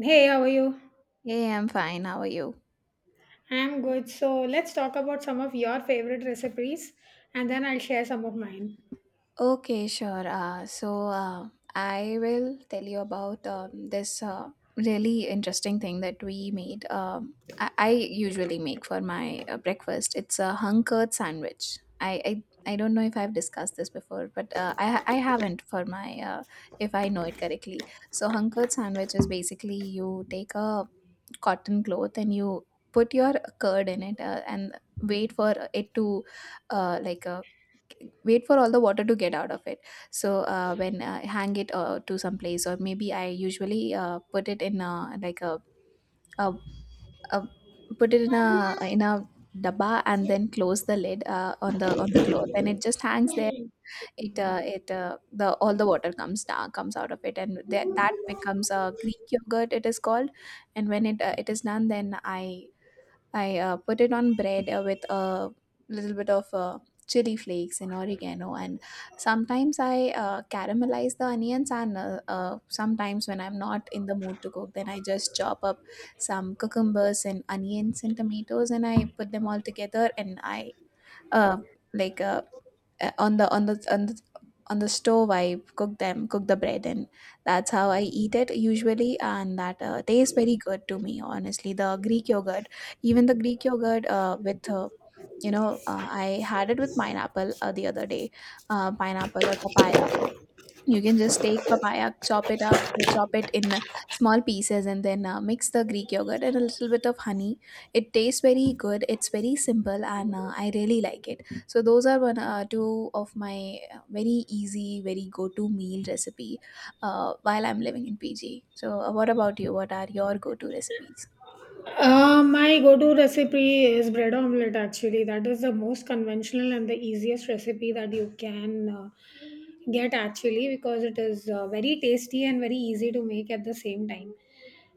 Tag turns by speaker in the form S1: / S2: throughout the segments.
S1: Hey, how are you?
S2: Hey, I'm fine. How are you?
S1: I'm good. So let's talk about some of your favorite recipes and then I'll share some of mine.
S2: Okay, sure. I will tell you about this really interesting thing that we made. I usually make for my breakfast. It's a hung curd sandwich. I don't know if I've discussed this before, but I haven't for my if I know it correctly. So hung curd sandwich is basically you take a cotton cloth and you put your curd in it and wait for it to uh, like uh, wait for all the water to get out of it. So when I hang it to some place, or maybe I usually put it in a, a, put it in a dabba and then close the lid on the cloth, and it just hangs there. It uh, it uh, the all the water comes out of it, and that becomes a Greek yogurt, it is called. And when it is done, then I put it on bread with a little bit of chili flakes and oregano. And sometimes I caramelize the onions. And sometimes when I'm not in the mood to cook, then I just chop up some cucumbers and onions and tomatoes, and I put them all together. And I uh, like on the on the on the on the stove I cook the bread, and that's how I eat it usually. And that tastes very good to me, honestly. The Greek yogurt, even the Greek yogurt with you know I had it with pineapple the other day. Pineapple or papaya, you can just take papaya, chop it up, chop it in small pieces, and then mix the Greek yogurt and a little bit of honey. It tastes very good. It's very simple, and I really like it. So those are one two of my very easy, very go to meal recipe while I'm living in PG. So what about you? What are your go to recipes?
S1: My go-to recipe is bread omelette actually. That is the most conventional and the easiest recipe that you can get actually because it is very tasty and very easy to make at the same time.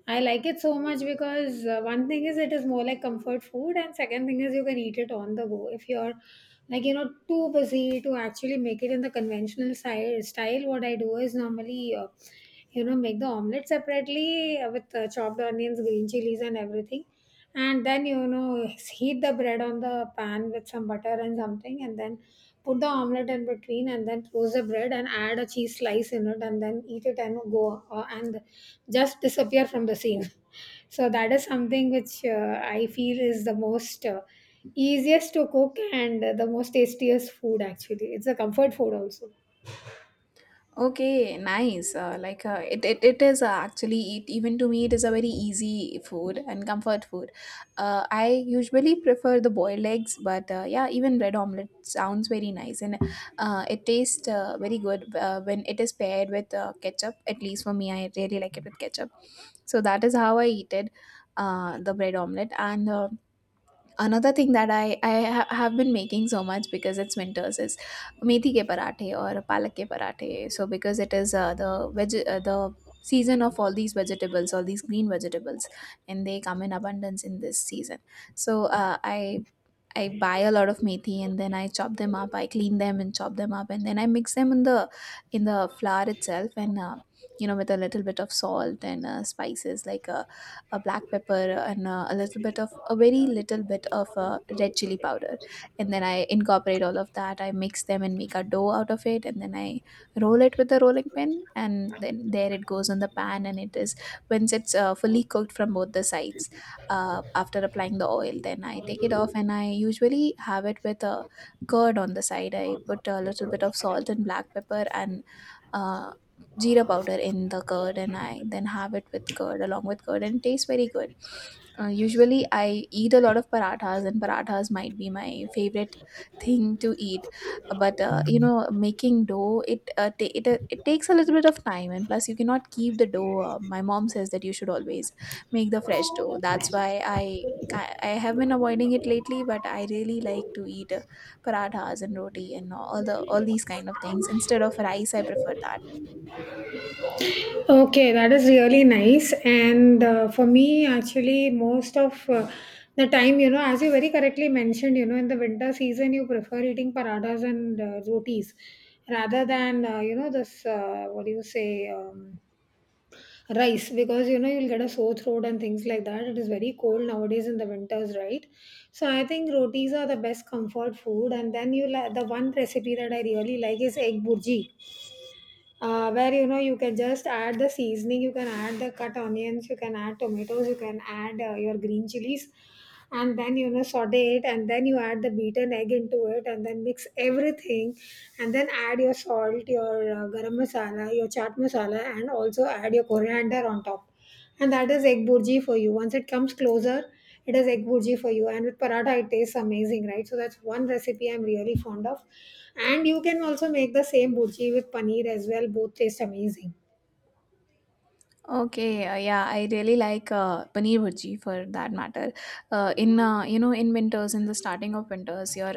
S1: I like it so much because one thing is it is more like comfort food, and second thing is you can eat it on the go. If you're like you know too busy to actually make it in the conventional style, style what I do is normally you know make the omelet separately with chopped onions, green chilies, and everything, and then you know heat the bread on the pan with some butter and something, and then put the omelette in between and then close the bread and add a cheese slice in it and then eat it and go and just disappear from the scene. So that is something which I feel is the most easiest to cook and the most tastiest food actually. It's a comfort food also.
S2: Okay, nice. Like it, it, it is Actually even to me it is a very easy food and comfort food. I usually prefer the boiled eggs, but yeah, even bread omelet sounds very nice, and it tastes very good when it is paired with ketchup. At least for me, I really like it with ketchup. So that is how I eat it, the bread omelet and. Another thing that have been making so much because it's winters is methi ke parathe or palak ke parathe. So because it is the season of all these vegetables, all these green vegetables, and they come in abundance in this season. So uh, I. I buy a lot of methi, and then I chop them up. I clean them and chop them up, and then I mix them in the flour itself, and you know, with a little bit of salt and spices, like a black pepper, and a very little bit of red chili powder. And then I incorporate all of that. I mix them and make a dough out of it. And then I roll it with a rolling pin. And then there it goes on the pan. And it is, once it's fully cooked from both the sides, after applying the oil, then I take it off, and I usually have it with a curd on the side. I put a little bit of salt and black pepper and uh, jeera powder in the curd, and I then have it with curd, along with curd, and it tastes very good. Usually I eat a lot of parathas, and parathas might be my favorite thing to eat. But you know, making dough, it ta- it it takes a little bit of time, and plus you cannot keep the dough. My mom says that you should always make the fresh dough. That's why I have been avoiding it lately, but I really like to eat parathas and roti and all these kind of things. Instead of rice, I prefer that.
S1: Okay, that is really nice. And for me, actually, most of the time, you know, as you very correctly mentioned, you know, in the winter season, you prefer eating paradas and rotis rather than, you know, this, what do you say, rice, because, you know, you'll get a sore throat and things like that. It is very cold nowadays in the winters, right? So I think rotis are the best comfort food. And then you like the one recipe that I really like is egg burji, where you know you can just add the seasoning, you can add the cut onions, you can add tomatoes, you can add your green chilies, and then you know saute it, and then you add the beaten egg into it and then mix everything, and then add your salt, your garam masala, your chaat masala, and also add your coriander on top, and that is egg burji for you. Once it comes closer, it is egg burji for you. And with paratha, it tastes amazing, right? So that's one recipe I'm really fond of. And you can also make the same burji with paneer as well. Both taste amazing.
S2: Okay, yeah, I really like paneer bhurji for that matter. In You know, in winters, in the starting of winters, your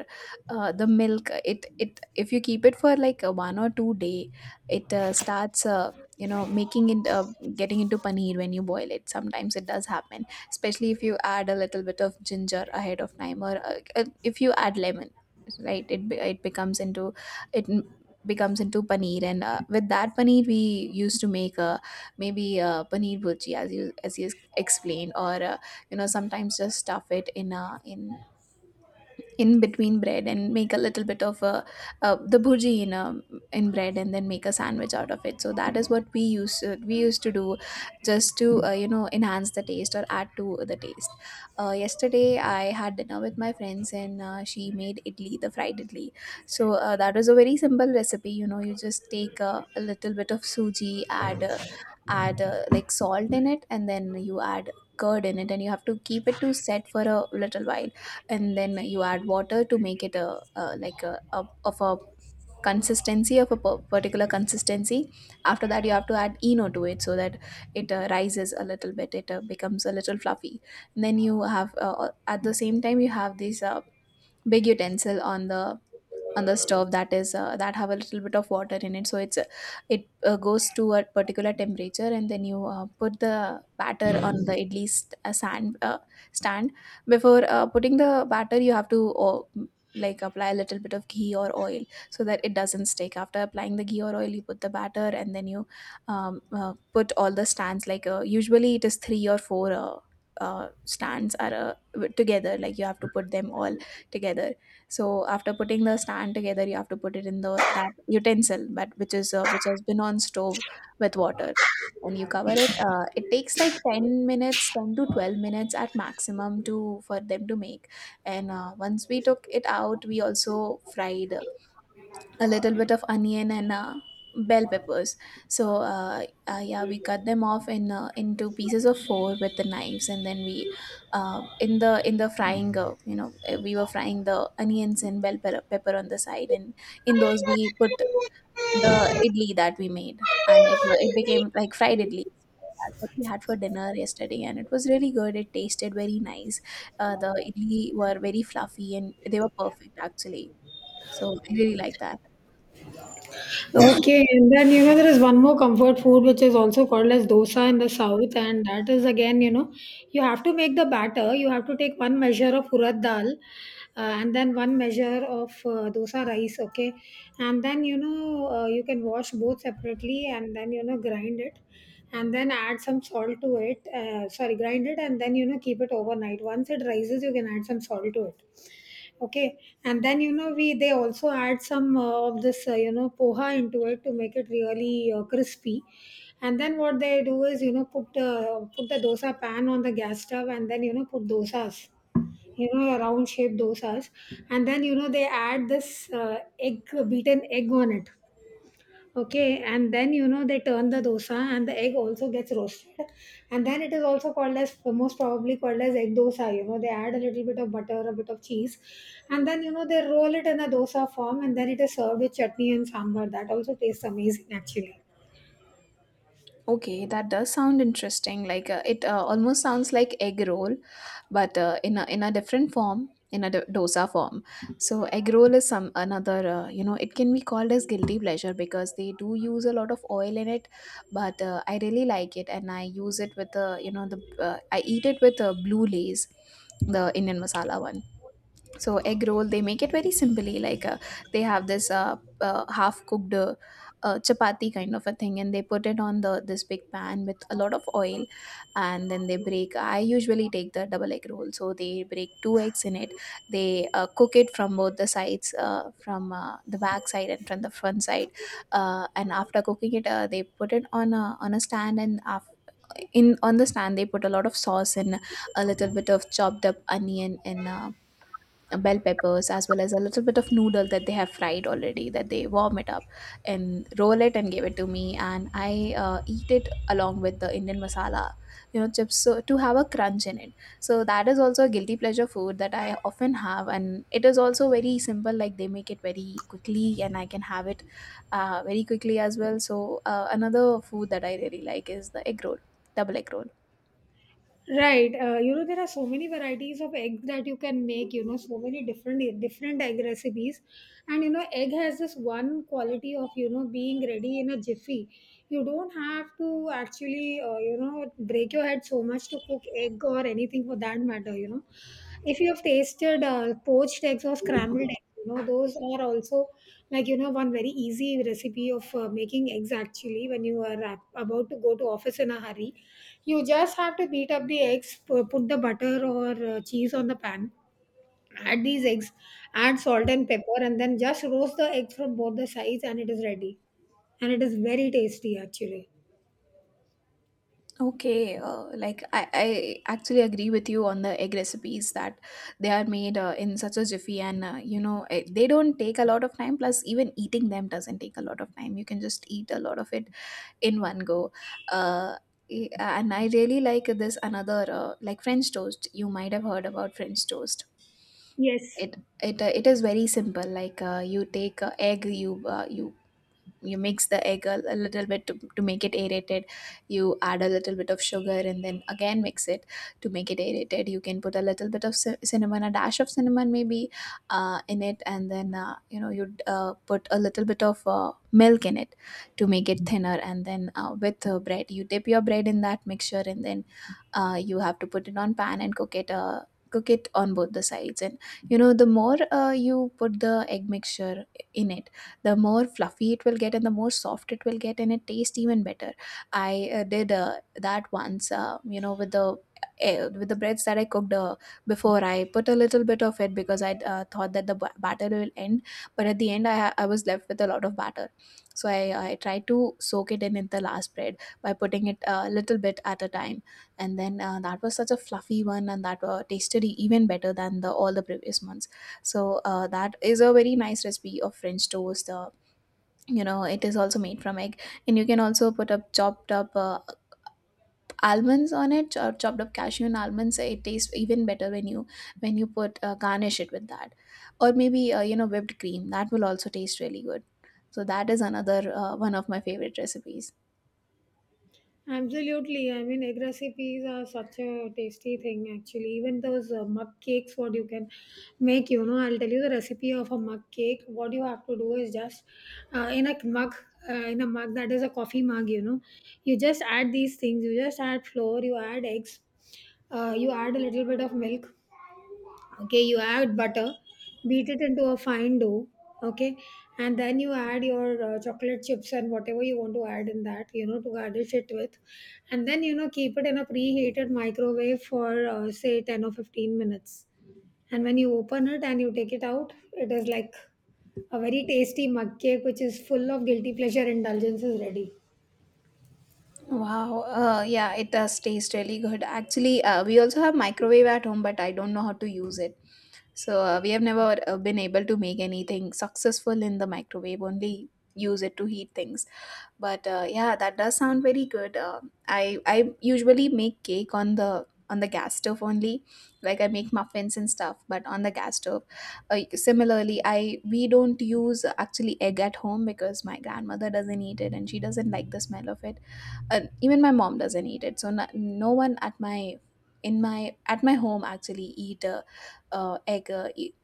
S2: the milk, it it if you keep it for like a 1 or 2 day, it starts you know, making it, getting into paneer when you boil it. Sometimes it does happen, especially if you add a little bit of ginger ahead of time, or if you add lemon, right? It becomes into it becomes into paneer, and with that paneer, we used to make a maybe paneer bhurji, as you explained, or you know, sometimes just stuff it in a in in between bread and make a little bit of the bhurji in a, in bread, and then make a sandwich out of it. So that is what we used to do just to you know, enhance the taste or add to the taste. Yesterday I had dinner with my friends, and she made idli, the fried idli. So that was a very simple recipe. You know, you just take a little bit of suji, add like salt in it, and then you add curd in it, and you have to keep it to set for a little while. And then you add water to make it a like a of a consistency of a particular consistency. After that, you have to add eno to it so that it rises a little bit, it becomes a little fluffy. And then you have at the same time, you have this big utensil on the stove, that is that have a little bit of water in it. So it goes to a particular temperature, and then you put the batter on the idli st- sand stand. Before putting the batter, you have to apply a little bit of ghee or oil so that it doesn't stick. After applying the ghee or oil, you put the batter, and then you put all the stands, like usually it is 3 or 4 stands are together, like you have to put them all together. So after putting the stand together, you have to put it in the that utensil, but which is which has been on stove with water, and you cover it. It takes like 10 minutes, 10 to 12 minutes at maximum, to for them to make. And once we took it out, we also fried a little bit of onion and bell peppers. Yeah, we cut them off in into pieces of four with the knives, and then we in the frying you know, we were frying the onions and bell pepper on the side, and in those we put the idli that we made, and it became like fried idli. That's what we had for dinner yesterday, and it was really good. It tasted very nice. The idli were very fluffy, and they were perfect actually. So I really like that.
S1: Okay, and then you know there is one more comfort food which is also called as dosa in the south, and that is again you know you have to make the batter. You have to take one measure of urad dal, and then one measure of dosa rice. Okay, and then you know you can wash both separately, and then you know grind it, and then add some salt to it. Sorry, grind it, and then you know keep it overnight. Once it rises, you can add some salt to it. Okay. And then you know we they also add some of this you know poha into it to make it really crispy, and then what they do is you know put the dosa pan on the gas stove and then you know put dosas, you know round shaped dosas, and then you know they add this egg, beaten egg on it. Okay, and then you know they turn the dosa and the egg also gets roasted, and then it is also called as most probably called as egg dosa. You know they add a little bit of butter, a bit of cheese, and then you know they roll it in a dosa form, and then it is served with chutney and sambar. That also tastes amazing, actually.
S2: Okay, that does sound interesting. Like it almost sounds like egg roll, but in a different form, in a dosa form. So egg roll is some another. You know, it can be called as guilty pleasure because they do use a lot of oil in it, but I really like it, and I use it with the, you know, the I eat it with blue lays, the Indian masala one. So egg roll, they make it very simply. Like they have this half cooked chapati kind of a thing, and they put it on the this big pan with a lot of oil, and then they break. I usually take the double egg roll, so they break 2 eggs in it. They cook it from both the sides, from the back side and from the front side, and after cooking it, they put it on a stand and. After, in on the stand, they put a lot of sauce and a little bit of chopped up onion and bell peppers, as well as a little bit of noodle that they have fried already, that they warm it up and roll it and give it to me, and I eat it along with the Indian masala you know chips so to have a crunch in it. So that is also a guilty pleasure food that I often have, and it is also very simple. Like they make it very quickly and I can have it very quickly as well. So another food that I really like is the egg roll, double egg roll.
S1: Right. You know, there are so many varieties of eggs that you can make, you know, so many different egg recipes. And you know, egg has this one quality of, you know, being ready in a jiffy. You don't have to actually, you know, break your head so much to cook egg or anything for that matter, you know. If you have tasted poached eggs or scrambled eggs, you know, those are also like, you know, one very easy recipe of making eggs actually when you are about to go to office in a hurry. You just have to beat up the eggs, put the butter or cheese on the pan, add these eggs, add salt and pepper, and then just roast the eggs from both the sides, and it is ready. And it is very tasty, actually.
S2: Okay, like I actually agree with you on the egg recipes that they are made in such a jiffy, and you know it, they don't take a lot of time. Plus, even eating them doesn't take a lot of time. You can just eat a lot of it in one go. Uh, and I really like this another like French toast. You might have heard about French toast.
S1: Yes.
S2: It is very simple. Like you take egg, you mix the egg a little bit to make it aerated. You add a little bit of sugar and then again mix it to make it aerated. You can put a little bit of cinnamon, a dash of cinnamon maybe, in it. And then you know, you'd put a little bit of milk in it to make it thinner. And then with bread, you dip your bread in that mixture, and then you have to put it on pan and cook it, cook it on both the sides. And you know, the more you put the egg mixture in it, the more fluffy it will get and the more soft it will get, and it tastes even better. I did that once, you know, with the with the breads that I cooked before, I put a little bit of it because I thought that the batter will end. But at the end, I was left with a lot of batter. So I tried to soak it in the last bread, by putting it a little bit at a time. And then that was such a fluffy one, and that tasted even better than the all the previous ones. So that is a very nice recipe of French toast. You know, it is also made from egg. And you can also put up chopped up almonds on it, or chopped up cashew and almonds. It tastes even better when you, when you put garnish it with that. Or maybe you know, whipped cream, that will also taste really good. So that is another one of my favorite recipes.
S1: Absolutely. I mean, egg recipes are such a tasty thing, actually. Even those mug cakes, what you can make, you know, I'll tell you the recipe of a mug cake. What you have to do is just uh, in a mug, in a mug that is a coffee mug, you know, you just add these things. You just add flour, you add eggs, you add a little bit of milk, okay, you add butter, beat it into a fine dough. Okay, and then you add your chocolate chips and whatever you want to add in that you know to garnish it with, and then you know keep it in a preheated microwave for say 10 or 15 minutes, and when you open it and you take it out it is like a very tasty mug cake which is full of guilty pleasure indulgence is ready.
S2: Wow, yeah, it does taste really good. Actually, we also have microwave at home, but I don't know how to use it. So we have never been able to make anything successful in the microwave. Only use it to heat things. But yeah, that does sound very good. I usually make cake on the gas stove only. Like I make muffins and stuff, but on the gas stove. Similarly, I, we don't use actually egg at home because my grandmother doesn't eat it and she doesn't like the smell of it. Even my mom doesn't eat it. So no, no one at my, in my, at my home actually eat egg, uh, e-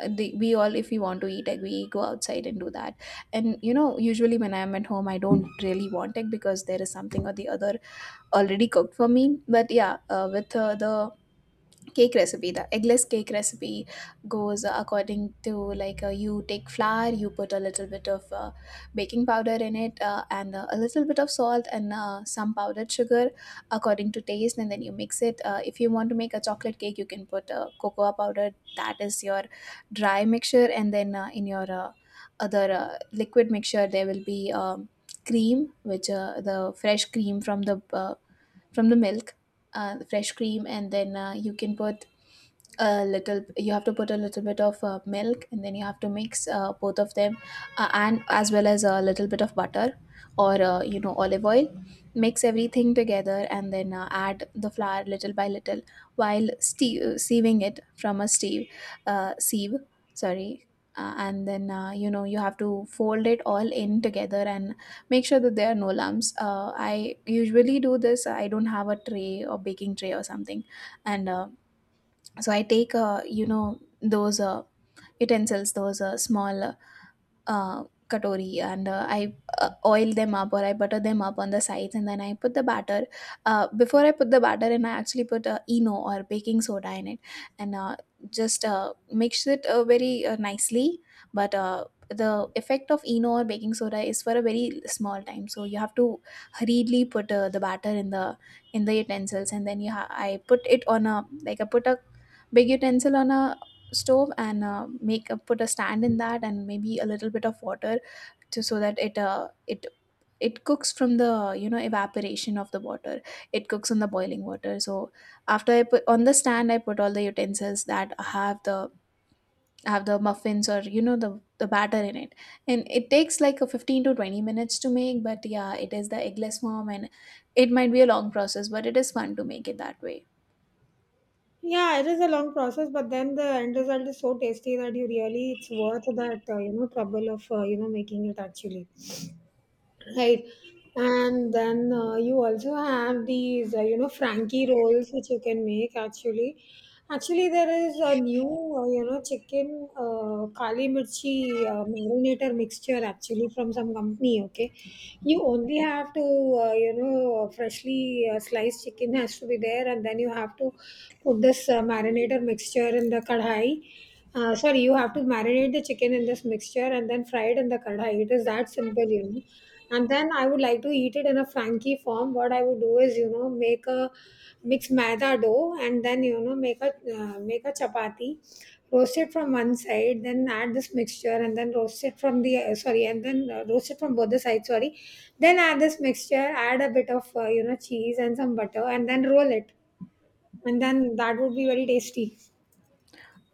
S2: uh, they, we all, if we want to eat egg, we go outside and do that. And you know, usually when I'm at home, I don't really want egg because there is something or the other already cooked for me. But yeah, with the cake recipe, the eggless cake recipe goes according to, like, you take flour, you put a little bit of baking powder in it, and a little bit of salt and some powdered sugar according to taste. And then you mix it. If you want to make a chocolate cake, you can put cocoa powder. That is your dry mixture. And then in your other liquid mixture, there will be cream, which the fresh cream from the, from the milk, fresh cream. And then you can put a little, you have to put a little bit of milk, and then you have to mix both of them, and as well as a little bit of butter or you know, olive oil. Mix everything together, and then add the flour little by little while sieving it from a sieve. Sieve sorry And then you know, you have to fold it all in together and make sure that there are no lumps. I usually do this, I don't have a tray or baking tray or something. And So I take, you know, those utensils, those small katori, and I oil them up or I butter them up on the sides, and then I put the batter. Before I put the batter in, I actually put Eno or baking soda in it, and just mix it very nicely. But the effect of Eno or baking soda is for a very small time, so you have to hurriedly put the batter in the, in the utensils. And then I put it on a, like I put a big utensil on a stove and make a, put a stand in that, and maybe a little bit of water to, so that it it, it cooks from the, you know, evaporation of the water. It cooks on the boiling water. So after I put on the stand, I put all the utensils that have the, have the muffins or, you know, the batter in it. And it takes like a 15 to 20 minutes to make. But yeah, it is the eggless form, and it might be a long process, but it is fun to make it that way.
S1: Yeah, it is a long process, but then the end result is so tasty that you really it's worth that you know trouble of you know making it actually. Right. And then you also have these you know frankie rolls which you can make actually. Actually there is a new you know chicken kali mirchi marinator mixture actually from some company. Okay, you only have to you know freshly sliced chicken has to be there, and then you have to put this marinator mixture in the kadhai. Uh, sorry, you have to marinate the chicken in this mixture and then fry it in the kadhai. It is that simple, you know. And then I would like to eat it in a flanky form. What I would do is, you know, make a mix maida dough and then you know make a make a chapati, roast it from one side, then add this mixture and then roast it from the sorry, and then roast it from both the sides. Sorry, then add this mixture, add a bit of you know cheese and some butter, and then roll it, and then that would be very tasty.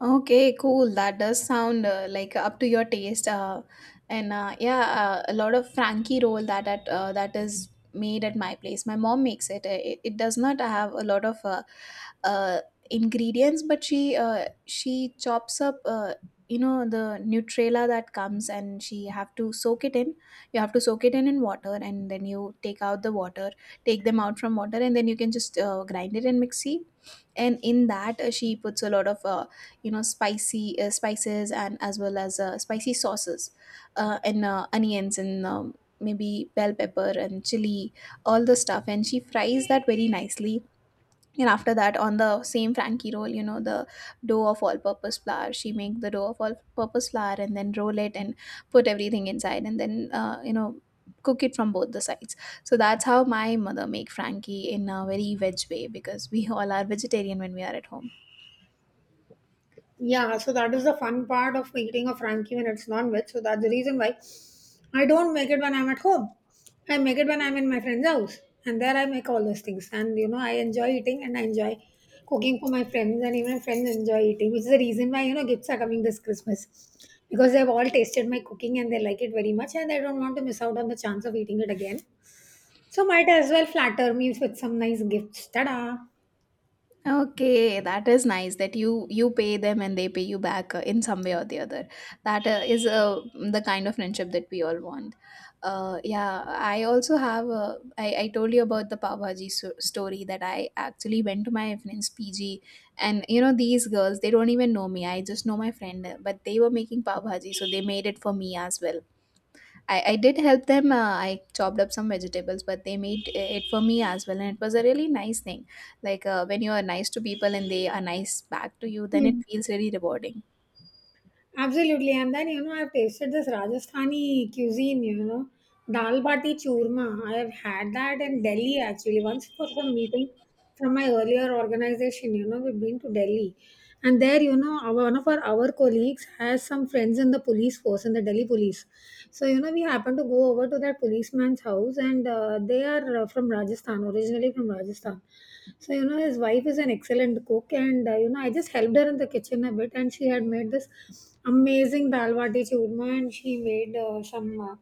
S2: Okay, cool. That does sound like up to your taste. And yeah, a lot of Frankie roll that at, that is made at my place. My mom makes it. It, it does not have a lot of uh, ingredients, but she chops up. You know, the Nutrela that comes, and she have to soak it in. You have to soak it in water, and then you take out the water, take them out from water, and then you can just grind it in mixie. And in that, she puts a lot of you know, spicy spices, and as well as spicy sauces, and onions, and maybe bell pepper and chili, all the stuff. And she fries that very nicely. And after that, on the same frankie roll, you know, the dough of all purpose flour, she make the dough of all purpose flour, and then roll it and put everything inside, and then you know, cook it from both the sides. So that's how my mother make frankie in a very veg way, because we all are vegetarian when we are at home.
S1: Yeah, so that is the fun part of eating a Frankie when it's non-veg. So that's the reason why I don't make it when I'm at home. I make it when I'm in my friend's house. And there I make all those things. And you know, I enjoy eating and I enjoy cooking for my friends and even friends enjoy eating, which is the reason why, you know, gifts are coming this Christmas. Because they've all tasted my cooking and they like it very much and I don't want to miss out on the chance of eating it again. So might as well flatter me with some nice gifts. Ta-da!
S2: Okay, that is nice that you pay them and they pay you back in some way or the other. That is, the kind of friendship that we all want. Yeah, I also have. I told you about the Pav Bhaji story that I actually went to my friend's PG, and you know, these girls, they don't even know me. I just know my friend, but they were making Pav Bhaji, so they made it for me as well. I did help them. I chopped up some vegetables, but they made it for me as well. And it was a really nice thing. Like when you are nice to people and they are nice back to you, then it feels really rewarding.
S1: Absolutely. And then, you know, I've tasted this Rajasthani cuisine, you know, dal bati churma. I have had that in Delhi actually. Once for some meeting from my earlier organization, you know, we've been to Delhi. And there, you know, one of our colleagues has some friends in the police force, in the Delhi police. So, you know, we happened to go over to that policeman's house, and they are from Rajasthan, originally from Rajasthan. So, you know, his wife is an excellent cook, and you know, I just helped her in the kitchen a bit, and she had made this amazing dal bati churma, and she made some,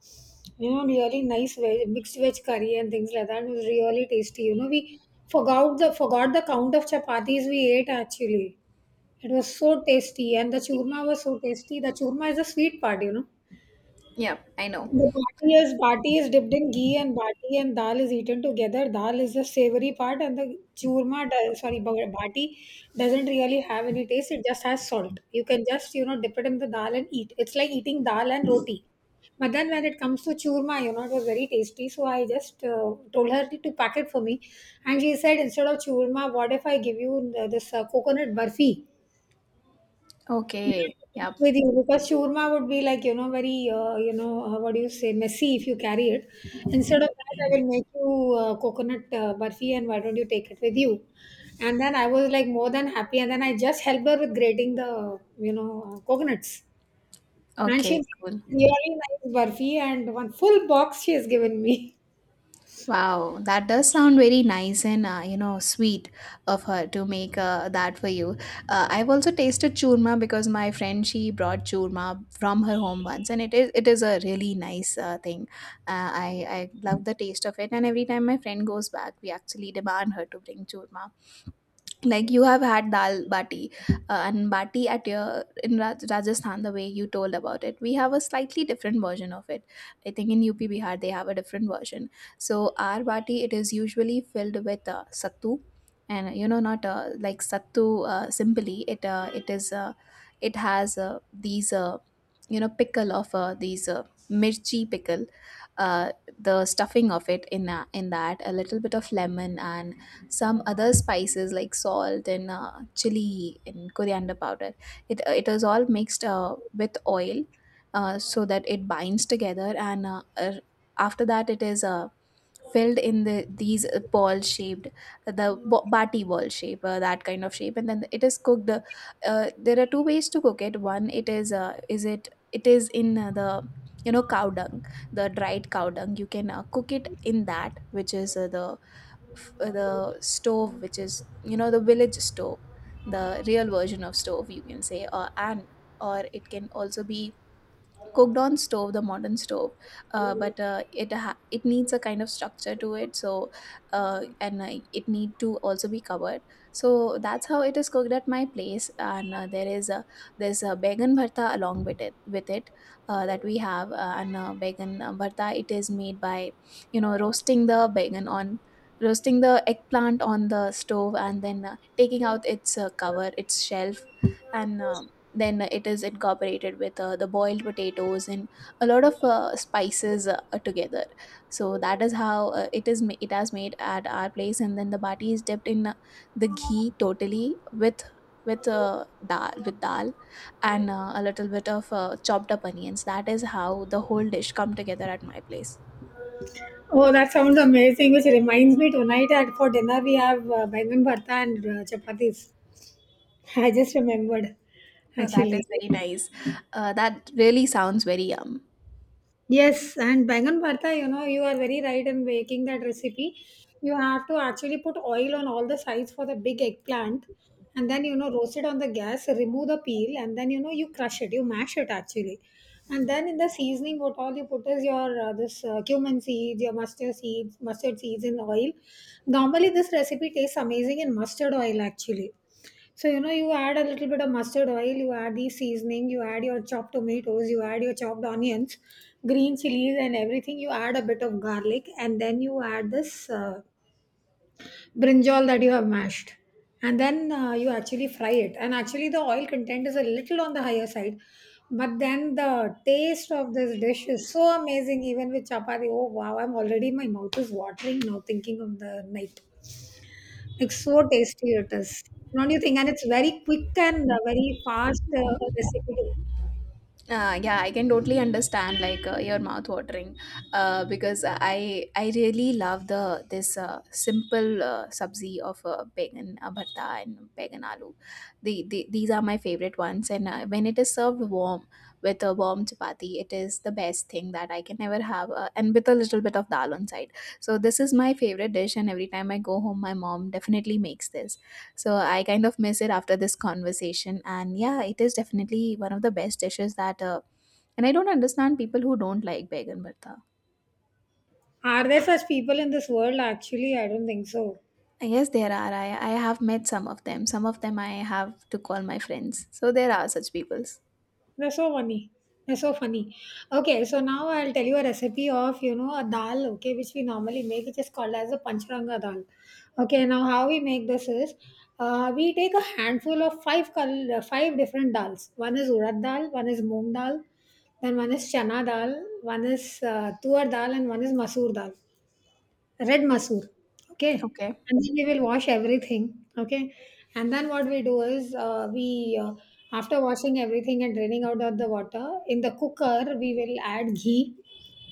S1: you know, really nice veg, mixed veg curry and things like that. It was really tasty. You know, we forgot the count of chapatis we ate actually. It was so tasty, and the churma was so tasty. The churma is a sweet part, you know.
S2: Yep, I know.
S1: The bati is dipped in ghee and bati and dal is eaten together. Dal is the savory part, and the churma, bati doesn't really have any taste. It just has salt. You can just you know dip it in the dal and eat. It's like eating dal and roti. But then when it comes to churma, you know, it was very tasty. So I just told her to pack it for me, and she said, instead of churma, what if I give you this coconut burfi?
S2: Okay. Yep.
S1: With you, because shawarma would be, like, very, what do you say, messy if you carry it. Instead of that, I will make you coconut burfi, and why don't you take it with you? And then I was, like, more than happy, and then I just helped her with grating the coconuts. And she
S2: Okay,
S1: made
S2: cool.
S1: really nice burfi, and one full box she has given me.
S2: Wow, that does sound very nice and you know, sweet of her to make that for you. I've also tasted churma because my friend, she brought churma from her home once, and it is, it is a really nice thing. Uh, I I love the taste of it, and every time my friend goes back, we actually demand her to bring churma like you have had dal bati and bati at your in Rajasthan the way you told about it. We have a slightly different version of it. I think in UP Bihar they have a different version. So our bati, it is usually filled with sattu, and you know not like sattu, simply it is it has these pickle of these mirchi pickle, uh, the stuffing of it in that, a little bit of lemon and some other spices like salt and chili and coriander powder. It is all mixed with oil, so that it binds together. And After that, it is filled in the these ball shaped, bati ball shape, that kind of shape, and then it is cooked. There are two ways to cook it. One, it is in the cow dung, the dried cow dung. You can cook it in that, which is the the stove, which is the village stove, the real version of stove, you can say. Or and or it can also be cooked on stove, the modern stove. But it needs a kind of structure to it, so and it need to also be covered. So that's how it is cooked at my place. And there's a began bharta along with it that we have. And Began bharta, it is made by you know roasting the began on roasting the eggplant on the stove, and then taking out its cover, its shelf, and then it is incorporated with the boiled potatoes and a lot of spices together. So that is how it has made at our place, and then the bati is dipped in the ghee totally with dal with dal and a little bit of chopped up onions. That is how the whole dish come together at my place.
S1: Oh, that sounds amazing. Which reminds me, tonight at for dinner we have bangan bharta and chapatis. I just remembered,
S2: So that
S1: actually.
S2: is very nice. That really sounds very yum.
S1: Yes, and bangan bharta, you are very right in making that recipe. You have to actually put oil on all the sides for the big eggplant, and then, roast it on the gas, remove the peel, and then, you crush it, you mash it, actually. And then in the seasoning, what all you put is your this cumin seeds, your mustard seeds in oil. Normally, this recipe tastes amazing in mustard oil, actually. So, you add a little bit of mustard oil, you add the seasoning, you add your chopped tomatoes, you add your chopped onions, green chilies, and everything. You add a bit of garlic, and then you add this brinjal that you have mashed. And then you actually fry it. And actually, the oil content is a little on the higher side. But then the taste of this dish is so amazing, even with chapati. Oh, wow, my mouth is watering now thinking of the night. Like, so tasty it is. Don't you think? And it's very quick and very fast recipe to make.
S2: Yeah, I can totally understand like your mouth watering, because I really love the this simple sabzi of began bharta and began aloo. These are my favorite ones, and when it is served warm with a warm chapati, it is the best thing that I can ever have, and with a little bit of dal on side. So this is my favorite dish, and every time I go home, my mom definitely makes this. So I kind of miss it after this conversation. And yeah, it is definitely one of the best dishes that. And I don't understand people who don't like Began Bharta.
S1: Are there such people in this world? Actually, I don't think so.
S2: I guess there are. I have met some of them. Some of them I have to call my friends. So there are such peoples.
S1: They're so funny. They're so funny. Okay, so now I'll tell you a recipe of a dal. Okay, which we normally make, which is called as a pancharanga dal. Okay, now how we make this is, we take a handful of five different dals. One is urad dal, one is moong dal, then one is chana dal, one is tuar dal, and one is masoor dal. Red masoor. Okay.
S2: Okay.
S1: And then we will wash everything. Okay. And then what we do is, we after washing everything and draining out of the water in the cooker, we will add ghee.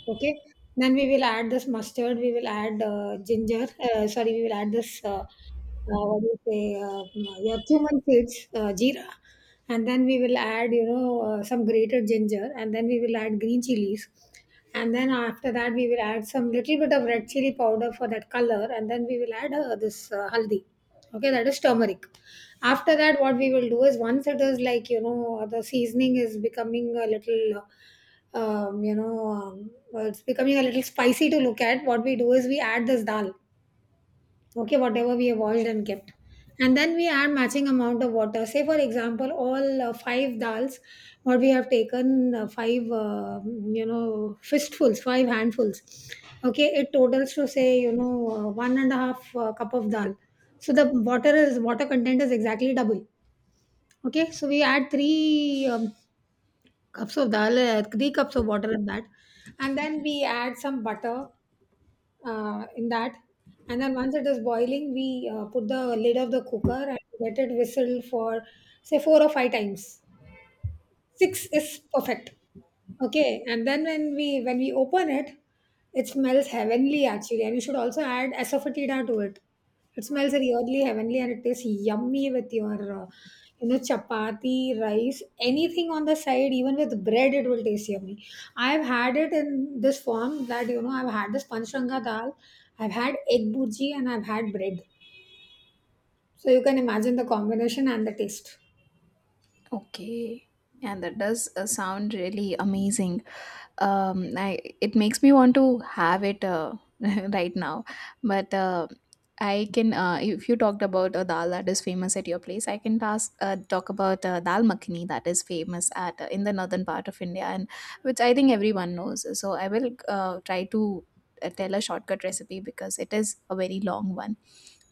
S1: Okay. Then we will add this mustard, we will add ginger, sorry, we will add this, what do you say, your cumin seeds, jeera. And then we will add, some grated ginger, and then we will add green chilies. And then after that, we will add some little bit of red chili powder for that color, and then we will add this haldi. Okay, that is turmeric. After that, what we will do is, once it is, like, the seasoning is becoming a little, well, it's becoming a little spicy to look at, what we do is we add this dal. Okay, whatever we have boiled and kept. And then we add matching amount of water. Say, for example, all five dals what we have taken, five fistfuls, five handfuls. Okay, it totals to, say, one and a half cup of dal. So the water is water content is exactly double. Okay, so we add three cups of dal, 3 cups of water in that. And then we add some butter, in that. And then once it is boiling, we put the lid of the cooker and let it whistle for, say, four or five times. Six is perfect. Okay, and then when we open it, it smells heavenly, actually, and you should also add asafoetida to it. It smells really heavenly, and it tastes yummy with your uh, chapati, rice, anything on the side. Even with bread it will taste yummy. I've had it in this form that, I've had this panchranga dal, I've had egg burji, and I've had bread. So you can imagine the combination and the taste.
S2: Okay. And that does sound really amazing. I it makes me want to have it right now, but I can, if you talked about a dal that is famous at your place, I can talk about dal makhani that is famous at in the northern part of India, and which I think everyone knows. So I will try to tell a shortcut recipe because it is a very long one.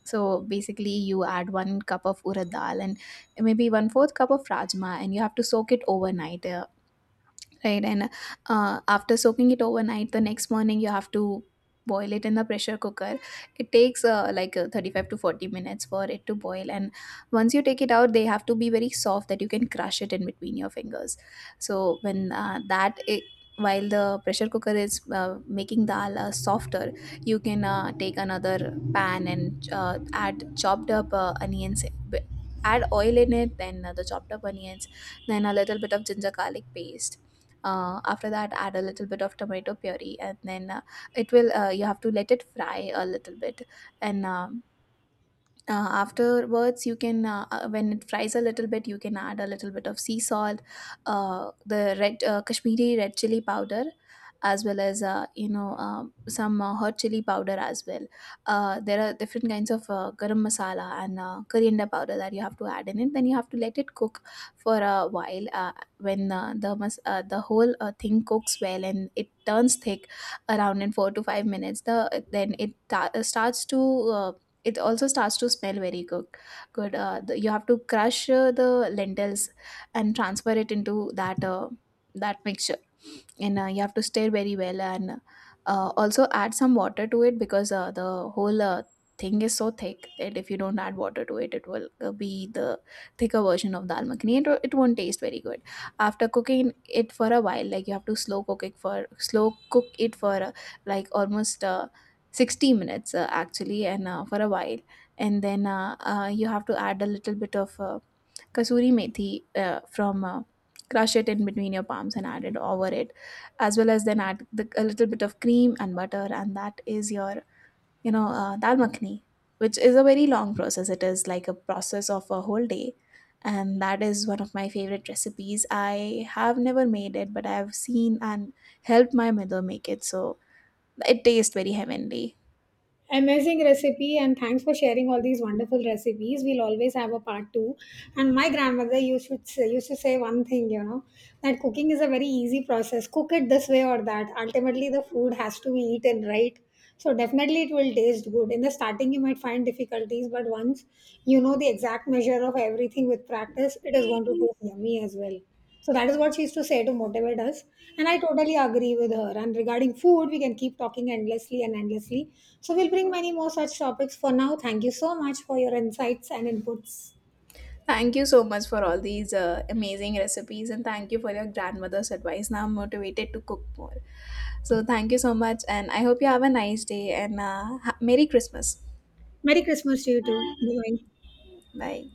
S2: So basically, you add one cup of urad dal and maybe one fourth cup of rajma, and you have to soak it overnight. Right. And after soaking it overnight, the next morning you have to boil it in the pressure cooker. It takes 35 to 40 minutes for it to boil, and once you take it out, they have to be very soft that you can crush it in between your fingers. So when that I while the pressure cooker is making dal softer, you can take another pan and add chopped up onions, add oil in it, then the chopped up onions, then a little bit of ginger garlic paste. After that, add a little bit of tomato puree, and then it will you have to let it fry a little bit. And Afterwards, you can, when it fries a little bit, you can add a little bit of sea salt, the red kashmiri red chili powder, as well as some hot chili powder as well. There are different kinds of garam masala and coriander powder that you have to add in it, then you have to let it cook for a while. The whole thing cooks well and it turns thick around in 4 to 5 minutes, then it starts to, uh, it also starts to smell very good. You have to crush the lentils and transfer it into that mixture, and you have to stir very well, and also add some water to it, because the whole thing is so thick that if you don't add water to it, it will be the thicker version of dal makhani. It won't taste very good. After cooking it for a while, like you have to slow cook it for like almost 60 minutes actually, and for a while. And then you have to add a little bit of kasuri methi, from crush it in between your palms and add it over it, as well as then add a little bit of cream and butter, and that is your dal makhni, which is a very long process. It is like a process of a whole day, and that is one of my favorite recipes. I have never made it, but I have seen and helped my mother make it, so it tastes very heavenly.
S1: Amazing recipe, and thanks for sharing all these wonderful recipes. We'll always have a part two. And my grandmother used to say one thing, that cooking is a very easy process. Cook it this way or that. Ultimately, the food has to be eaten, right? So definitely, it will taste good. In the starting, you might find difficulties, but once you know the exact measure of everything with practice, it is going to taste yummy as well. So that is what she used to say to motivate us. And I totally agree with her. And regarding food, we can keep talking endlessly and endlessly. So we'll bring many more such topics for now. Thank you so much for your insights and inputs.
S2: Thank you so much for all these amazing recipes, and thank you for your grandmother's advice. Now I'm motivated to cook more. So thank you so much, and I hope you have a nice day and Merry Christmas.
S1: Merry Christmas to you too. Bye.
S2: Bye.